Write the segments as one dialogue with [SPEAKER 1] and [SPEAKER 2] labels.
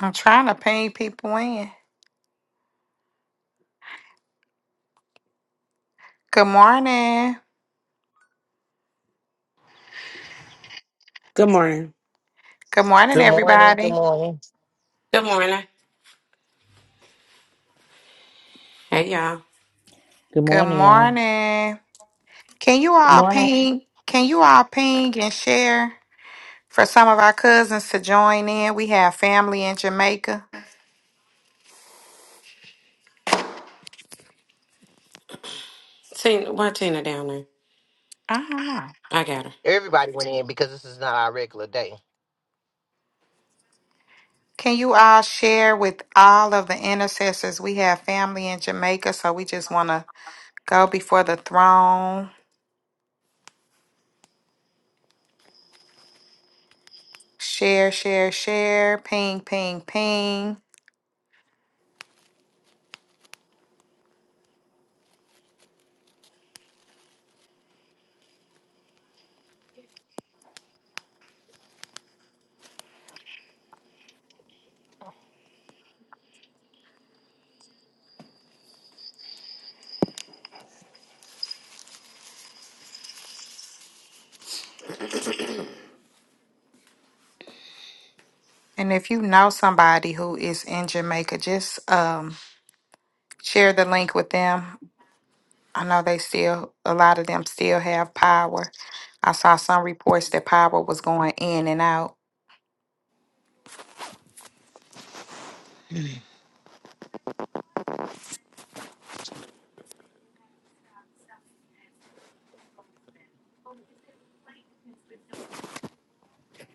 [SPEAKER 1] I'm trying to ping people in. Good morning.
[SPEAKER 2] Good morning.
[SPEAKER 1] Good morning,
[SPEAKER 3] Good morning. Good
[SPEAKER 1] everybody.
[SPEAKER 3] morning.
[SPEAKER 4] Good morning. Hey y'all.
[SPEAKER 5] Good
[SPEAKER 1] Good
[SPEAKER 5] morning, y'all.
[SPEAKER 1] morning. Can you
[SPEAKER 6] Good
[SPEAKER 1] all
[SPEAKER 6] morning.
[SPEAKER 1] ping? Can you all ping and share for some of our cousins to join in? We have family in Jamaica.
[SPEAKER 4] Tina, why Tina down there?
[SPEAKER 1] I don't know.
[SPEAKER 4] I got her.
[SPEAKER 3] Everybody went in because this is not our regular day.
[SPEAKER 1] Can you all share with all of the intercessors? We have family in Jamaica, so we just want to go before the throne. Share, share, share. Ping, ping, ping. And if you know somebody who is in Jamaica, just um share the link with them. I know they still, a lot of them still have power. I saw some reports that power was going in and out.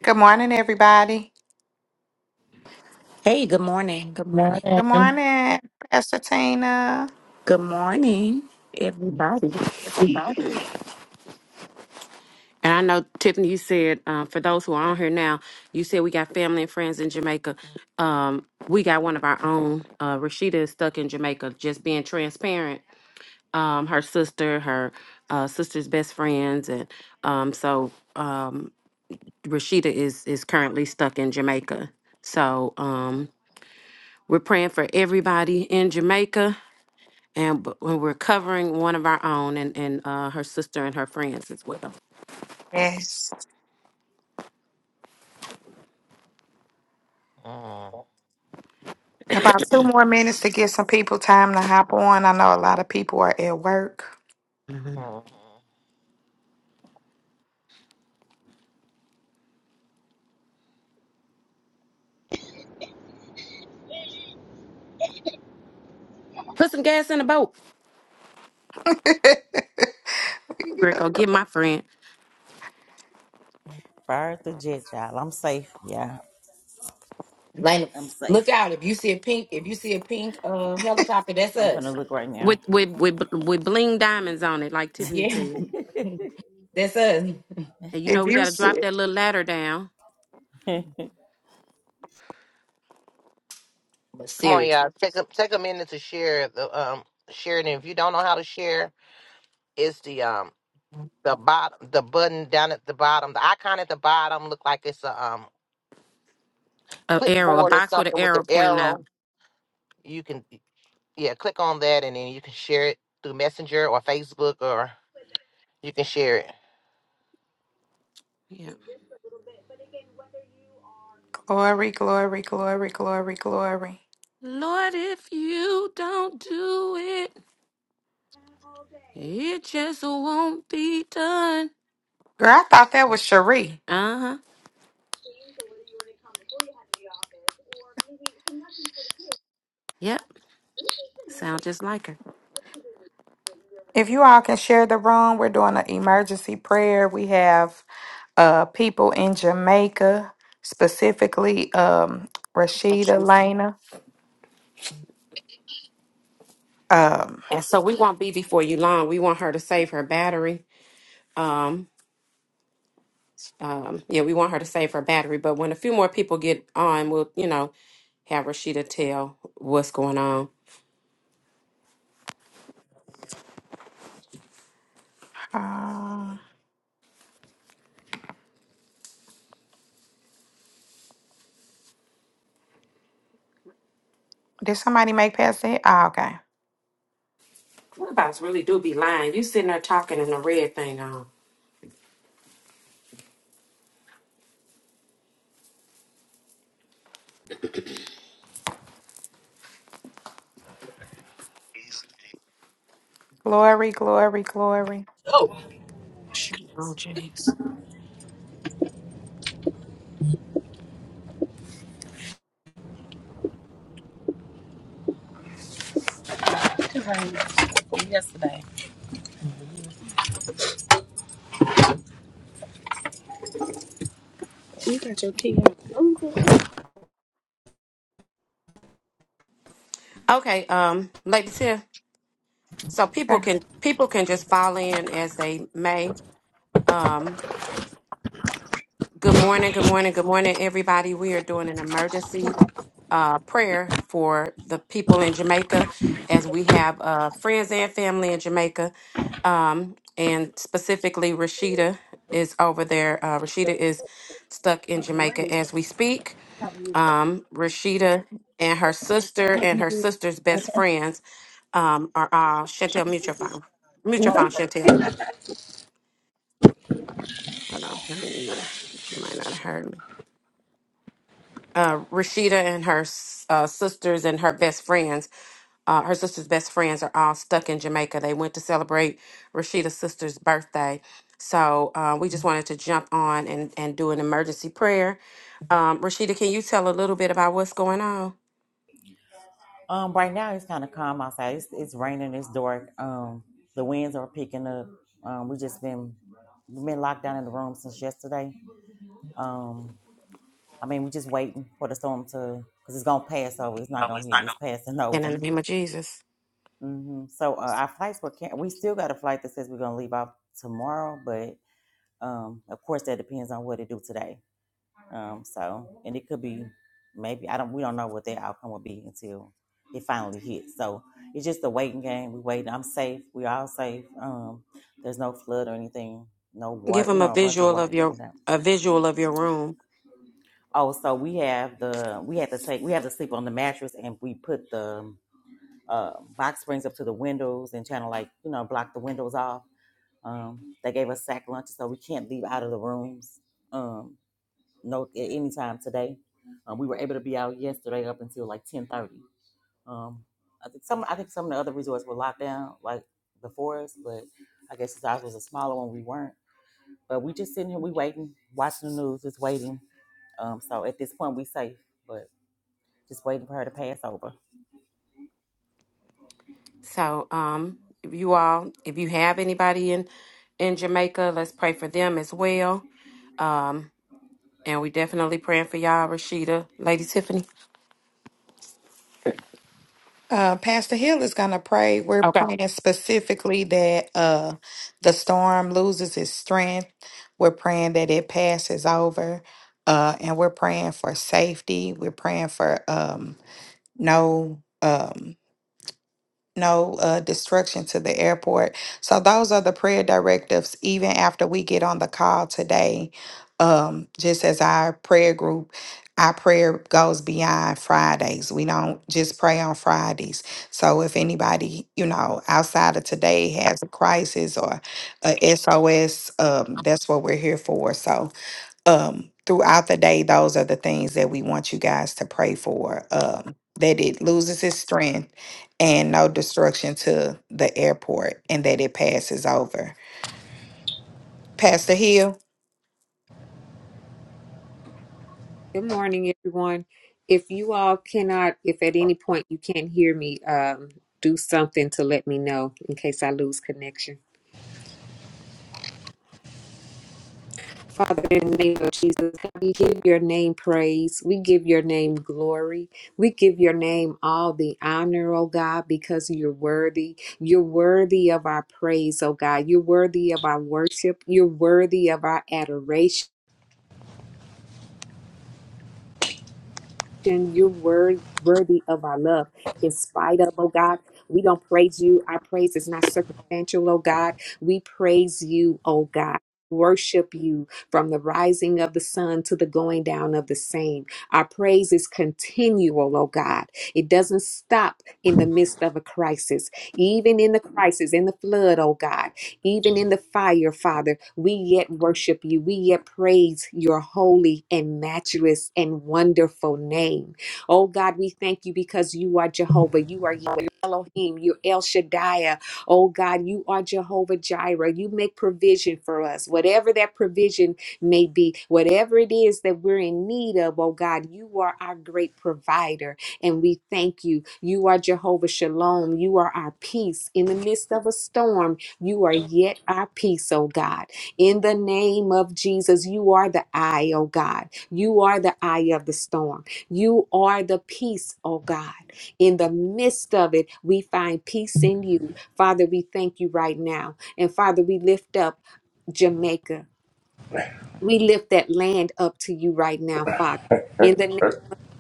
[SPEAKER 1] Good morning, everybody.
[SPEAKER 7] Hey, good morning. Good
[SPEAKER 6] Good
[SPEAKER 7] morning.
[SPEAKER 1] Good
[SPEAKER 6] morning.
[SPEAKER 1] morning, Pastor Tina.
[SPEAKER 7] Good morning, everybody.
[SPEAKER 4] And I know Tiffany, you said uh, for those who are on here now, you said we got family and friends in Jamaica. Um, we got one of our own. Uh, Rashida is stuck in Jamaica. Just being transparent. Um, her sister, her uh, sister's best friends, and um, so um, Rashida is is currently stuck in Jamaica. So um, we're praying for everybody in Jamaica. and but when we're covering one of our own and, and uh, her sister and her friends as well.
[SPEAKER 1] Yes.
[SPEAKER 3] Mm,
[SPEAKER 1] About two more minutes to get some people time to hop on. I know a lot of people are at work.
[SPEAKER 3] mm. mm.
[SPEAKER 4] Put some gas in the boat. Greg,
[SPEAKER 1] Yeah.
[SPEAKER 4] go get my friend
[SPEAKER 5] Fire through jet, y'all. I'm safe. Yeah,
[SPEAKER 6] Lena,
[SPEAKER 5] I'm
[SPEAKER 6] look
[SPEAKER 5] safe.
[SPEAKER 6] out. If you see a pink, if you see a pink uh helicopter, that's
[SPEAKER 5] I'm gonna
[SPEAKER 6] us.
[SPEAKER 5] look right now.
[SPEAKER 4] with with with with bling diamonds on it, like Tiffany
[SPEAKER 6] Yeah.
[SPEAKER 4] said.
[SPEAKER 6] that's us.
[SPEAKER 4] And you know
[SPEAKER 1] If
[SPEAKER 4] we
[SPEAKER 1] you
[SPEAKER 4] got to drop
[SPEAKER 1] see
[SPEAKER 4] that little ladder down,
[SPEAKER 6] But
[SPEAKER 3] Come on,
[SPEAKER 6] seriously.
[SPEAKER 3] y'all. Take a take a minute to share the um share it. And if you don't know how to share, it's the um the bottom the button down at the bottom. The icon at the bottom look like it's a um
[SPEAKER 4] a arrow, a
[SPEAKER 3] clipboard or
[SPEAKER 4] box with an
[SPEAKER 3] something with the
[SPEAKER 4] arrow pointing out.
[SPEAKER 3] arrow. You can yeah click on that and then you can share it through Messenger or Facebook or you can share it.
[SPEAKER 4] Yeah.
[SPEAKER 1] glory, glory, glory, glory, glory.
[SPEAKER 4] Lord, if you don't do it, it just won't be done.
[SPEAKER 1] Girl, I thought that was Cherie.
[SPEAKER 4] Uh huh. Yep. Sound just like her.
[SPEAKER 1] If you all can share the room, we're doing an emergency prayer. We have uh, people in Jamaica, specifically um, Rashida Lena. Um,
[SPEAKER 4] And so we won't be before you long. We want her to save her battery. Um. Um, yeah, we want her to save her battery, but when a few more people get on, we'll, you know, have Rashida tell what's going on.
[SPEAKER 1] um, did somebody make Pastor? Hill? Oh, okay.
[SPEAKER 4] Clubhouse really do be lying. You sitting there talking and the red thing on.
[SPEAKER 1] Glory, glory, glory.
[SPEAKER 4] Shoot, Oh, jeez.
[SPEAKER 8] It rained yesterday.
[SPEAKER 4] Okay, um, Lady Tia. So people
[SPEAKER 1] Okay.
[SPEAKER 4] can people can just fall in as they may. Um, good morning, good morning, good morning, everybody. We are doing an emergency uh, prayer for the people in Jamaica, as we have uh, friends and family in Jamaica Um, and specifically, Rashida is over there. Uh, Rashida is stuck in Jamaica as we speak.
[SPEAKER 8] How
[SPEAKER 4] Um, Rashida and her sister and her sister's best friends um, are all Chantel Mutual Fund. Mutual
[SPEAKER 8] are you?
[SPEAKER 4] Fund, Chantel. Hold on, let me mute her. She might not have heard me. Uh, Rashida and her s- uh, sisters and her best friends Uh, her sister's best friends are all stuck in Jamaica. They went to celebrate Rashida's sister's birthday. So uh, we just wanted to jump on and, and do an emergency prayer. Um, Rashida, can you tell a little bit about what's going on?
[SPEAKER 5] um, right now it's kind of calm outside. It's, it's raining. It's dark. Um, the winds are picking up. Um, we just been we've been locked down in the room since yesterday. Um, I mean, we just waiting for the storm to because it's gonna pass over. It's not
[SPEAKER 4] Oh,
[SPEAKER 5] gonna
[SPEAKER 4] it's
[SPEAKER 5] hit.
[SPEAKER 4] not
[SPEAKER 5] It's passing
[SPEAKER 4] going. In
[SPEAKER 5] over.
[SPEAKER 4] the name of Jesus,
[SPEAKER 5] hmm So uh, our flights were can we still got a flight that says we're gonna leave out tomorrow, but Um, of course, that depends on what it do today. Um, so, and it could be maybe I don't. We don't know what their outcome will be until it finally hits. So it's just a waiting game. We waiting. I'm safe. We all safe. Um, there's no flood or anything. No
[SPEAKER 4] give
[SPEAKER 5] water. You
[SPEAKER 4] them a
[SPEAKER 5] know, a bunch of
[SPEAKER 4] visual
[SPEAKER 5] water.
[SPEAKER 4] of
[SPEAKER 5] Anything
[SPEAKER 4] your
[SPEAKER 5] like that.
[SPEAKER 4] a visual of your room.
[SPEAKER 5] Oh, so we have the we have to take we have to sleep on the mattress and we put the uh, box springs up to the windows and trying to like you know block the windows off. Um, they gave us sack lunches, so we can't leave out of the rooms. Um, no at any time today. Um, we were able to be out yesterday up until like ten thirty. Um, I think some I think some of the other resorts were locked down like before us, but I guess since ours was a smaller one, we weren't. But we just sitting here, we waiting, watching the news, just waiting. Um, so at this point, we safe, but just waiting for her to pass over.
[SPEAKER 4] So, um, if you all, if you have anybody in in Jamaica, let's pray for them as well. Um, and we definitely praying for y'all, Rashida, Lady Tiffany.
[SPEAKER 1] Uh, Pastor Hill is going to pray. We're
[SPEAKER 4] Okay.
[SPEAKER 1] praying specifically that uh, the storm loses its strength. We're praying that it passes over. Uh, and we're praying for safety. We're praying for. Um, no um no uh destruction to the airport so those are the prayer directives even after we get on the call today um just as our prayer group our prayer goes beyond Fridays. We don't just pray on Fridays. So if anybody, you know, outside of today has a crisis or a SOS, um, that's what we're here for. So um throughout the day those are the things that we want you guys to pray for um that it loses its strength and no destruction to the airport and that it passes over pastor hill
[SPEAKER 9] Good morning, everyone. If you all cannot, if at any point you can't hear me, um, do something to let me know in case I lose connection. Father, in the name of Jesus, we give your name praise. We give your name glory. We give your name all the honor, oh God, because you're worthy. You're worthy of our praise, oh God. You're worthy of our worship. You're worthy of our adoration. You're worth, worthy of our love. In spite of, oh God, we don't praise you. Our praise is not circumstantial, oh God. We praise you, oh God. Worship you from the rising of the sun to the going down of the same. Our praise is continual, oh God. It doesn't stop in the midst of a crisis, even in the crisis, in the flood, oh God. Even in the fire, Father, we yet worship you. We yet praise your holy and matchless and wonderful name. Oh God, we thank you because you are Jehovah. You are Yahweh, you're Elohim. You're El Shaddai. Oh God, you are Jehovah Jireh. You make provision for us. Whatever that provision may be, whatever it is that we're in need of, oh God, you are our great provider. And we thank you. You are Jehovah Shalom. You are our peace in the midst of a storm. You are yet our peace, oh God. In the name of Jesus, you are the eye, oh God. You are the eye of the storm. You are the peace, oh God. In the midst of it, we find peace in you. Father, we thank you right now. And Father, we lift up Jamaica. We lift that land up to you right now, Father. In the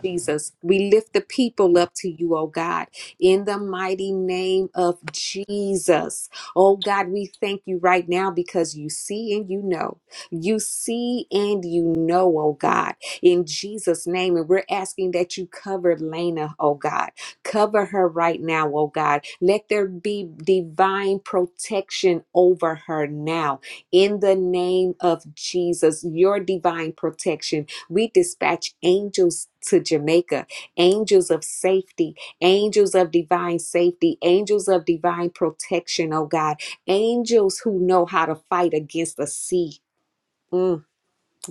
[SPEAKER 9] Jesus. We lift the people up to you, oh God, in the mighty name of Jesus. Oh God, we thank you right now because you see and you know. You see and you know, oh God, in Jesus' name. And we're asking that you cover Lena, oh God. Cover her right now, oh God. Let there be divine protection over her now, in the name of Jesus. Your divine protection we dispatch angels to Jamaica, angels of safety, angels of divine safety, angels of divine protection, oh God, angels who know how to fight against the sea. Mm.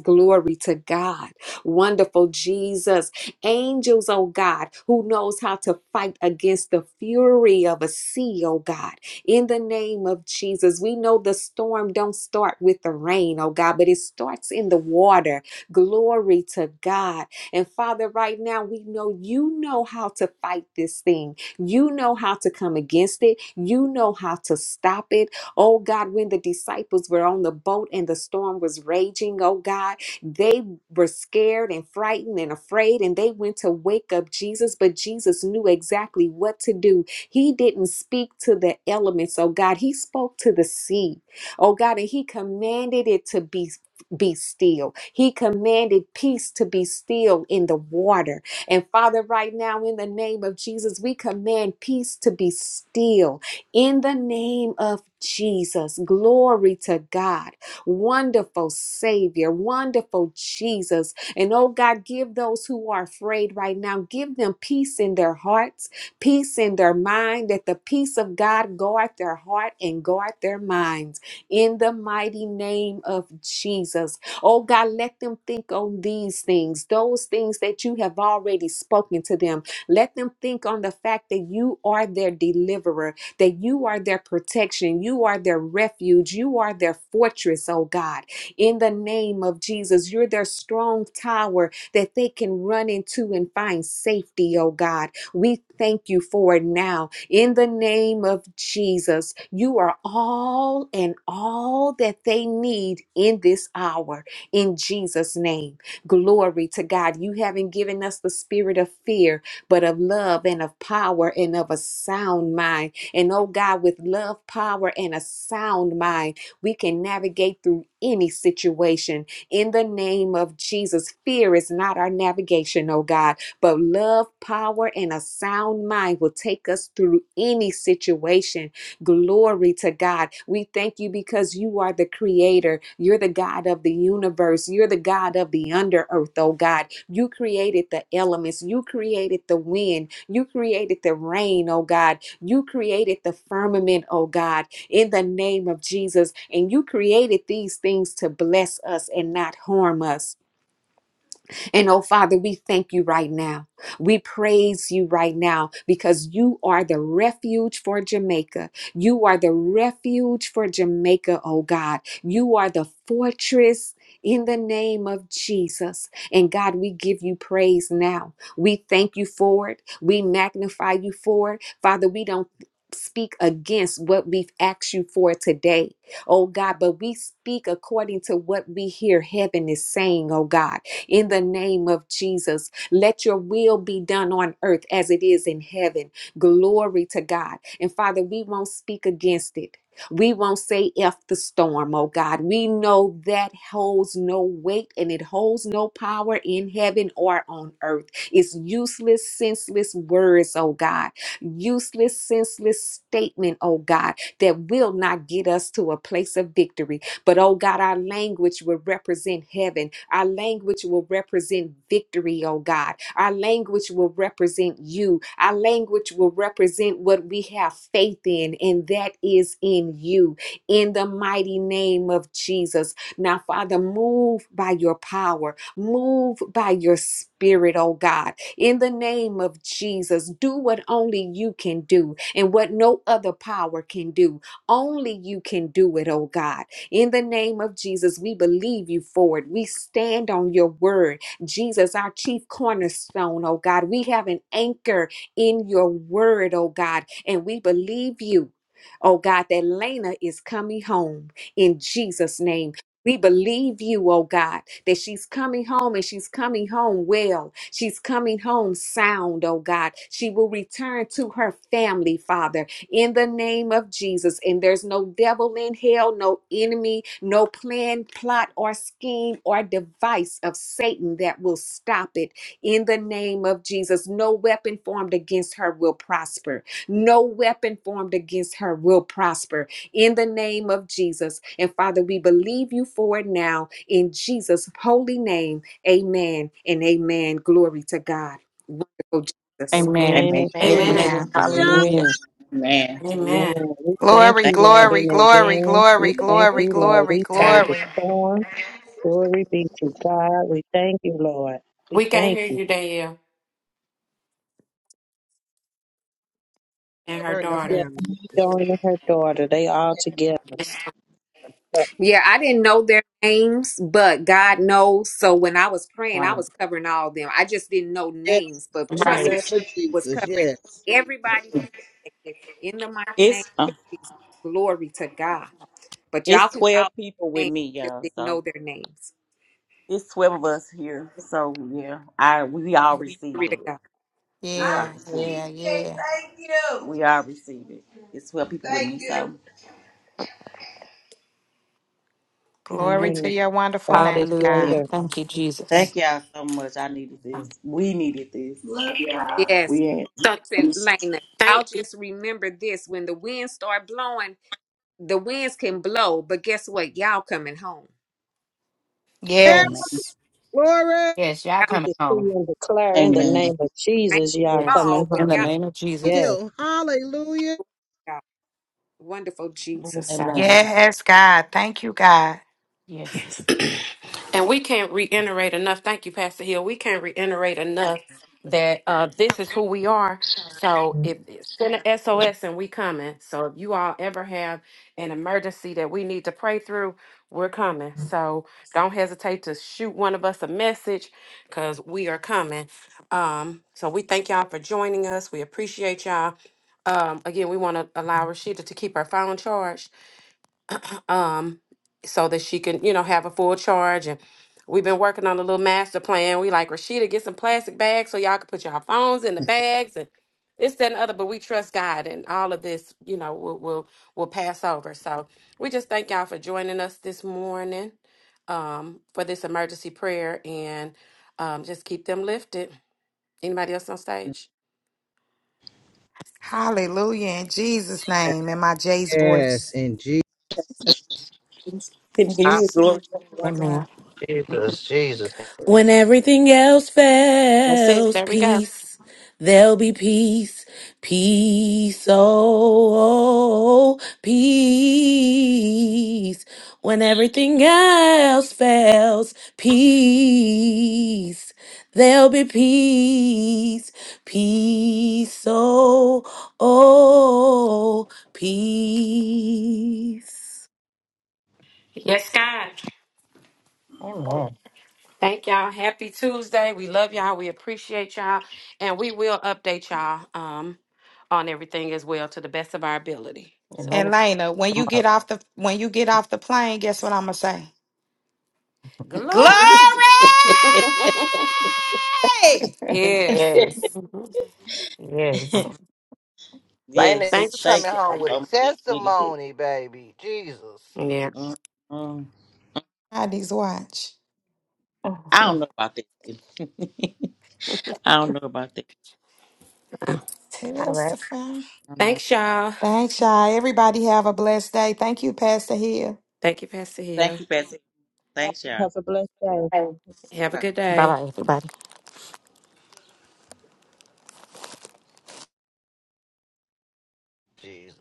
[SPEAKER 9] Glory to God. Wonderful Jesus. Angels, oh God, who knows how to fight against the fury of a sea, oh God. In the name of Jesus, we know the storm don't start with the rain, oh God, but it starts in the water. Glory to God. And Father, right now, we know you know how to fight this thing. You know how to come against it. You know how to stop it. Oh God, when the disciples were on the boat and the storm was raging, oh God, they were scared and frightened and afraid and they went to wake up Jesus, but Jesus knew exactly what to do. He didn't speak to the elements, oh God. He spoke to the sea, oh God, and he commanded it to be be still. He commanded peace to be still in the water. And Father, right now, in the name of Jesus, we command peace to be still in the name of Jesus, glory to God. Wonderful Savior, wonderful Jesus. And oh God, give those who are afraid right now, give them peace in their hearts, peace in their mind, that the peace of God guard their heart and guard their minds. In the mighty name of Jesus. Oh God, let them think on these things, those things that you have already spoken to them. Let them think on the fact that you are their deliverer that you are their protection, you are their refuge, you are their fortress, oh God. In the name of Jesus, you're their strong tower that they can run into and find safety, oh God. We thank you for it now. In the name of Jesus, you are all and all that they need in this hour. In Jesus' name, glory to God. You haven't given us the spirit of fear, but of love and of power and of a sound mind. And oh God, with love, power, and a sound mind, we can navigate through any situation in the name of Jesus. Fear is not our navigation, oh God, but love, power, and a sound mind will take us through any situation. Glory to God. We thank you because you are the creator. You're the God of the universe. You're the God of the under earth, oh God. You created the elements. You created the wind. You created the rain, oh God. You created the firmament, oh God, in the name of Jesus. And you created these things to bless us and not harm us. And oh, Father, we thank you right now. We praise you right now because you are the refuge for Jamaica. You are the refuge for Jamaica, oh God. You are the fortress. In the name of Jesus. And God, we give you praise now. We thank you for it. We magnify you for it. Father, we don't speak against what we've asked you for today, oh God, but we speak according to what we hear heaven is saying, oh God in the name of Jesus. Let your will be done on earth as it is in heaven. Glory to God. And Father, we won't speak against it. We won't say F the storm, oh God. We know that holds no weight and it holds no power in heaven or on earth. It's useless, senseless words, oh God. Useless, senseless statement, oh God, that will not get us to a place of victory. But oh God, our language will represent heaven. Our language will represent victory, oh God. Our language will represent you. Our language will represent what we have faith in, and that is in you. In the mighty name of Jesus. Now, Father, move by your power, move by your spirit, oh God. In the name of Jesus, do what only you can do and what no other power can do. Only you can do it, oh God. In the name of Jesus, we believe you for it. We stand on your word. Jesus, our chief cornerstone, oh God. We have an anchor in your word, oh God, and we believe you. Oh God, that Lena is coming home in Jesus' name. We believe you, oh God, that she's coming home and she's coming home well. She's coming home sound, oh God. She will return to her family, Father in the name of Jesus. And there's no devil in hell, no enemy, no plan, plot, or scheme or device of Satan that will stop it in the name of Jesus. No weapon formed against her will prosper. No weapon formed against her will prosper in the name of Jesus. And Father, we believe you for it now in Jesus' holy name. Amen and amen. Glory to God. Wonderful Jesus.
[SPEAKER 7] Amen.
[SPEAKER 5] Amen.
[SPEAKER 10] Amen.
[SPEAKER 6] Man,
[SPEAKER 3] Man,
[SPEAKER 4] Amen.
[SPEAKER 7] Amen.
[SPEAKER 10] Amen.
[SPEAKER 3] yeah,
[SPEAKER 7] Hallelujah.
[SPEAKER 10] Amen.
[SPEAKER 5] Amen.
[SPEAKER 4] Amen.
[SPEAKER 10] Amen. We
[SPEAKER 3] we
[SPEAKER 10] thank
[SPEAKER 1] Glory,
[SPEAKER 10] you,
[SPEAKER 5] Thank you.
[SPEAKER 10] Lord,
[SPEAKER 5] Pastor
[SPEAKER 1] glory,
[SPEAKER 10] in
[SPEAKER 1] glory,
[SPEAKER 10] advance.
[SPEAKER 1] glory,
[SPEAKER 10] We thank
[SPEAKER 1] glory,
[SPEAKER 10] you, Lord.
[SPEAKER 1] glory,
[SPEAKER 10] We told
[SPEAKER 4] God.
[SPEAKER 10] the
[SPEAKER 1] glory.
[SPEAKER 10] storm. Glory be to God. We thank you, Lord. We
[SPEAKER 4] We can't
[SPEAKER 10] thank
[SPEAKER 4] hear
[SPEAKER 10] you.
[SPEAKER 4] you, Danielle, and
[SPEAKER 3] a
[SPEAKER 4] her
[SPEAKER 3] her and her
[SPEAKER 10] Yeah,
[SPEAKER 4] daughter.
[SPEAKER 3] family.
[SPEAKER 10] going and her daughter, they all together.
[SPEAKER 5] Chuck.
[SPEAKER 9] Yeah, I didn't know their names, but God knows. So when I was praying, I
[SPEAKER 4] Right.
[SPEAKER 9] was covering all of them. I just didn't know
[SPEAKER 3] Yes.
[SPEAKER 9] names, but
[SPEAKER 3] In the
[SPEAKER 9] trust me,
[SPEAKER 3] name
[SPEAKER 4] Right.
[SPEAKER 3] of
[SPEAKER 9] I was
[SPEAKER 3] Jesus.
[SPEAKER 9] covering
[SPEAKER 3] Yes.
[SPEAKER 9] everybody that did in the mighty name
[SPEAKER 5] It's uh,
[SPEAKER 9] of Jesus. Glory to God. But
[SPEAKER 5] it's
[SPEAKER 9] y'all can call
[SPEAKER 5] twelve people
[SPEAKER 9] their
[SPEAKER 5] with
[SPEAKER 9] names,
[SPEAKER 5] me,
[SPEAKER 9] I just
[SPEAKER 5] y'all.
[SPEAKER 9] didn't
[SPEAKER 5] So
[SPEAKER 9] know their names.
[SPEAKER 5] it's twelve of us here. So yeah, I we all
[SPEAKER 9] Glory
[SPEAKER 5] received
[SPEAKER 9] to
[SPEAKER 5] it.
[SPEAKER 9] God.
[SPEAKER 5] We I are
[SPEAKER 1] Yeah,
[SPEAKER 5] received.
[SPEAKER 1] yeah,
[SPEAKER 5] received it.
[SPEAKER 1] yeah.
[SPEAKER 5] Thank it. you. We are receiving. It's what people with Thank me. you. So
[SPEAKER 10] We
[SPEAKER 4] And
[SPEAKER 1] Glory to
[SPEAKER 10] pray.
[SPEAKER 1] your wonderful
[SPEAKER 10] God is
[SPEAKER 1] name,
[SPEAKER 7] Hallelujah.
[SPEAKER 1] God.
[SPEAKER 5] yeah.
[SPEAKER 10] greater.
[SPEAKER 7] Thank you,
[SPEAKER 5] Thank
[SPEAKER 7] Jesus.
[SPEAKER 5] y'all so much. I needed
[SPEAKER 4] I-
[SPEAKER 5] this. We needed this. Love y'all.
[SPEAKER 9] Yes.
[SPEAKER 5] We had
[SPEAKER 4] So
[SPEAKER 9] Listen, Lena, y'all
[SPEAKER 4] thank you.
[SPEAKER 9] just remember this. When the winds start blowing, the winds can blow, but guess what? Y'all coming home.
[SPEAKER 3] Yes.
[SPEAKER 4] Right.
[SPEAKER 5] Amen.
[SPEAKER 1] Yes.
[SPEAKER 3] Glory
[SPEAKER 6] yes, y'all
[SPEAKER 9] Y'all
[SPEAKER 10] We
[SPEAKER 6] coming
[SPEAKER 10] decree
[SPEAKER 6] home.
[SPEAKER 10] and declare in the
[SPEAKER 5] Amen.
[SPEAKER 10] name of
[SPEAKER 9] ain't
[SPEAKER 10] Jesus, y'all
[SPEAKER 4] Yes.
[SPEAKER 10] coming
[SPEAKER 9] fall, but
[SPEAKER 7] In the
[SPEAKER 9] y'all
[SPEAKER 10] home.
[SPEAKER 7] name of
[SPEAKER 3] to
[SPEAKER 7] Jesus.
[SPEAKER 9] home,
[SPEAKER 10] Yes.
[SPEAKER 3] you. Hallelujah.
[SPEAKER 9] God. Wonderful
[SPEAKER 4] I'm
[SPEAKER 9] Jesus.
[SPEAKER 4] sorry.
[SPEAKER 5] Amen.
[SPEAKER 1] Yes, God. Thank you, God.
[SPEAKER 6] Yes.
[SPEAKER 4] And we can't reiterate enough. Thank you, Pastor Hill. We can't reiterate enough that uh, this is who we are. So if send an SOS and we coming. So if you all ever have an emergency that we need to pray through, we're coming. So don't hesitate to shoot one of us a message because we are coming. Um, so we thank y'all for joining us. We appreciate y'all. Um, again, we want to allow Rashida to keep her phone charged um, so that she can, you know, have a full charge. And we've been working on a little master plan. We like Rashida, get some plastic bags so y'all can put your phones in the bags and this, that, and the other. But we trust God, and all of this, you know, will will will pass over. So we just thank y'all for joining us this morning um, for this emergency prayer, and um, just keep them lifted. Anybody else on stage?
[SPEAKER 1] Hallelujah. In Jesus' name, in my Jay's voice.
[SPEAKER 3] Yes. In Jesus.
[SPEAKER 5] Tim, can you
[SPEAKER 3] Ah,
[SPEAKER 5] hear
[SPEAKER 4] It's-
[SPEAKER 5] glory to me one time?
[SPEAKER 7] Amen.
[SPEAKER 3] Jesus, Jesus.
[SPEAKER 2] When
[SPEAKER 3] name.
[SPEAKER 2] everything else
[SPEAKER 4] That's it.
[SPEAKER 2] fails,
[SPEAKER 4] There we go.
[SPEAKER 2] peace, there'll be peace, peace, oh, oh, peace. When everything else fails, peace, there'll be peace, peace, oh, oh, peace.
[SPEAKER 4] Yes, God.
[SPEAKER 6] Amen.
[SPEAKER 4] Thank y'all. Happy Tuesday. We love y'all. We appreciate y'all. And we will update y'all um on everything as well to the best of our ability. So
[SPEAKER 1] And
[SPEAKER 6] Atlanta
[SPEAKER 1] Lena, when you
[SPEAKER 6] tomorrow.
[SPEAKER 1] get off the when you get off the plane, guess what I'm gonna say? Glory!
[SPEAKER 4] glory. yes.
[SPEAKER 6] yes.
[SPEAKER 4] Mhm.
[SPEAKER 6] Yes.
[SPEAKER 3] Lana, you
[SPEAKER 5] yes.
[SPEAKER 4] Thanks.
[SPEAKER 5] Thank
[SPEAKER 3] coming
[SPEAKER 5] y'all
[SPEAKER 3] home with a
[SPEAKER 5] so much. Needed this.
[SPEAKER 3] testimony, baby. Jesus,
[SPEAKER 4] Yeah.
[SPEAKER 5] mm mm.
[SPEAKER 1] I these watch.
[SPEAKER 5] I don't know about that. I don't know about that.
[SPEAKER 6] All right.
[SPEAKER 1] Testify.
[SPEAKER 5] I don't know.
[SPEAKER 4] Thanks, y'all.
[SPEAKER 1] Thanks, y'all. Everybody have a blessed day. Thank you, Pastor Hill.
[SPEAKER 4] Thank you, Pastor Hill.
[SPEAKER 5] Thank you, Patsy.
[SPEAKER 10] Y'all
[SPEAKER 5] Thanks, y'all.
[SPEAKER 10] Have a blessed day.
[SPEAKER 4] Have a
[SPEAKER 5] Okay.
[SPEAKER 4] good
[SPEAKER 7] Bye
[SPEAKER 4] day.
[SPEAKER 7] bye, everybody.
[SPEAKER 3] Jesus.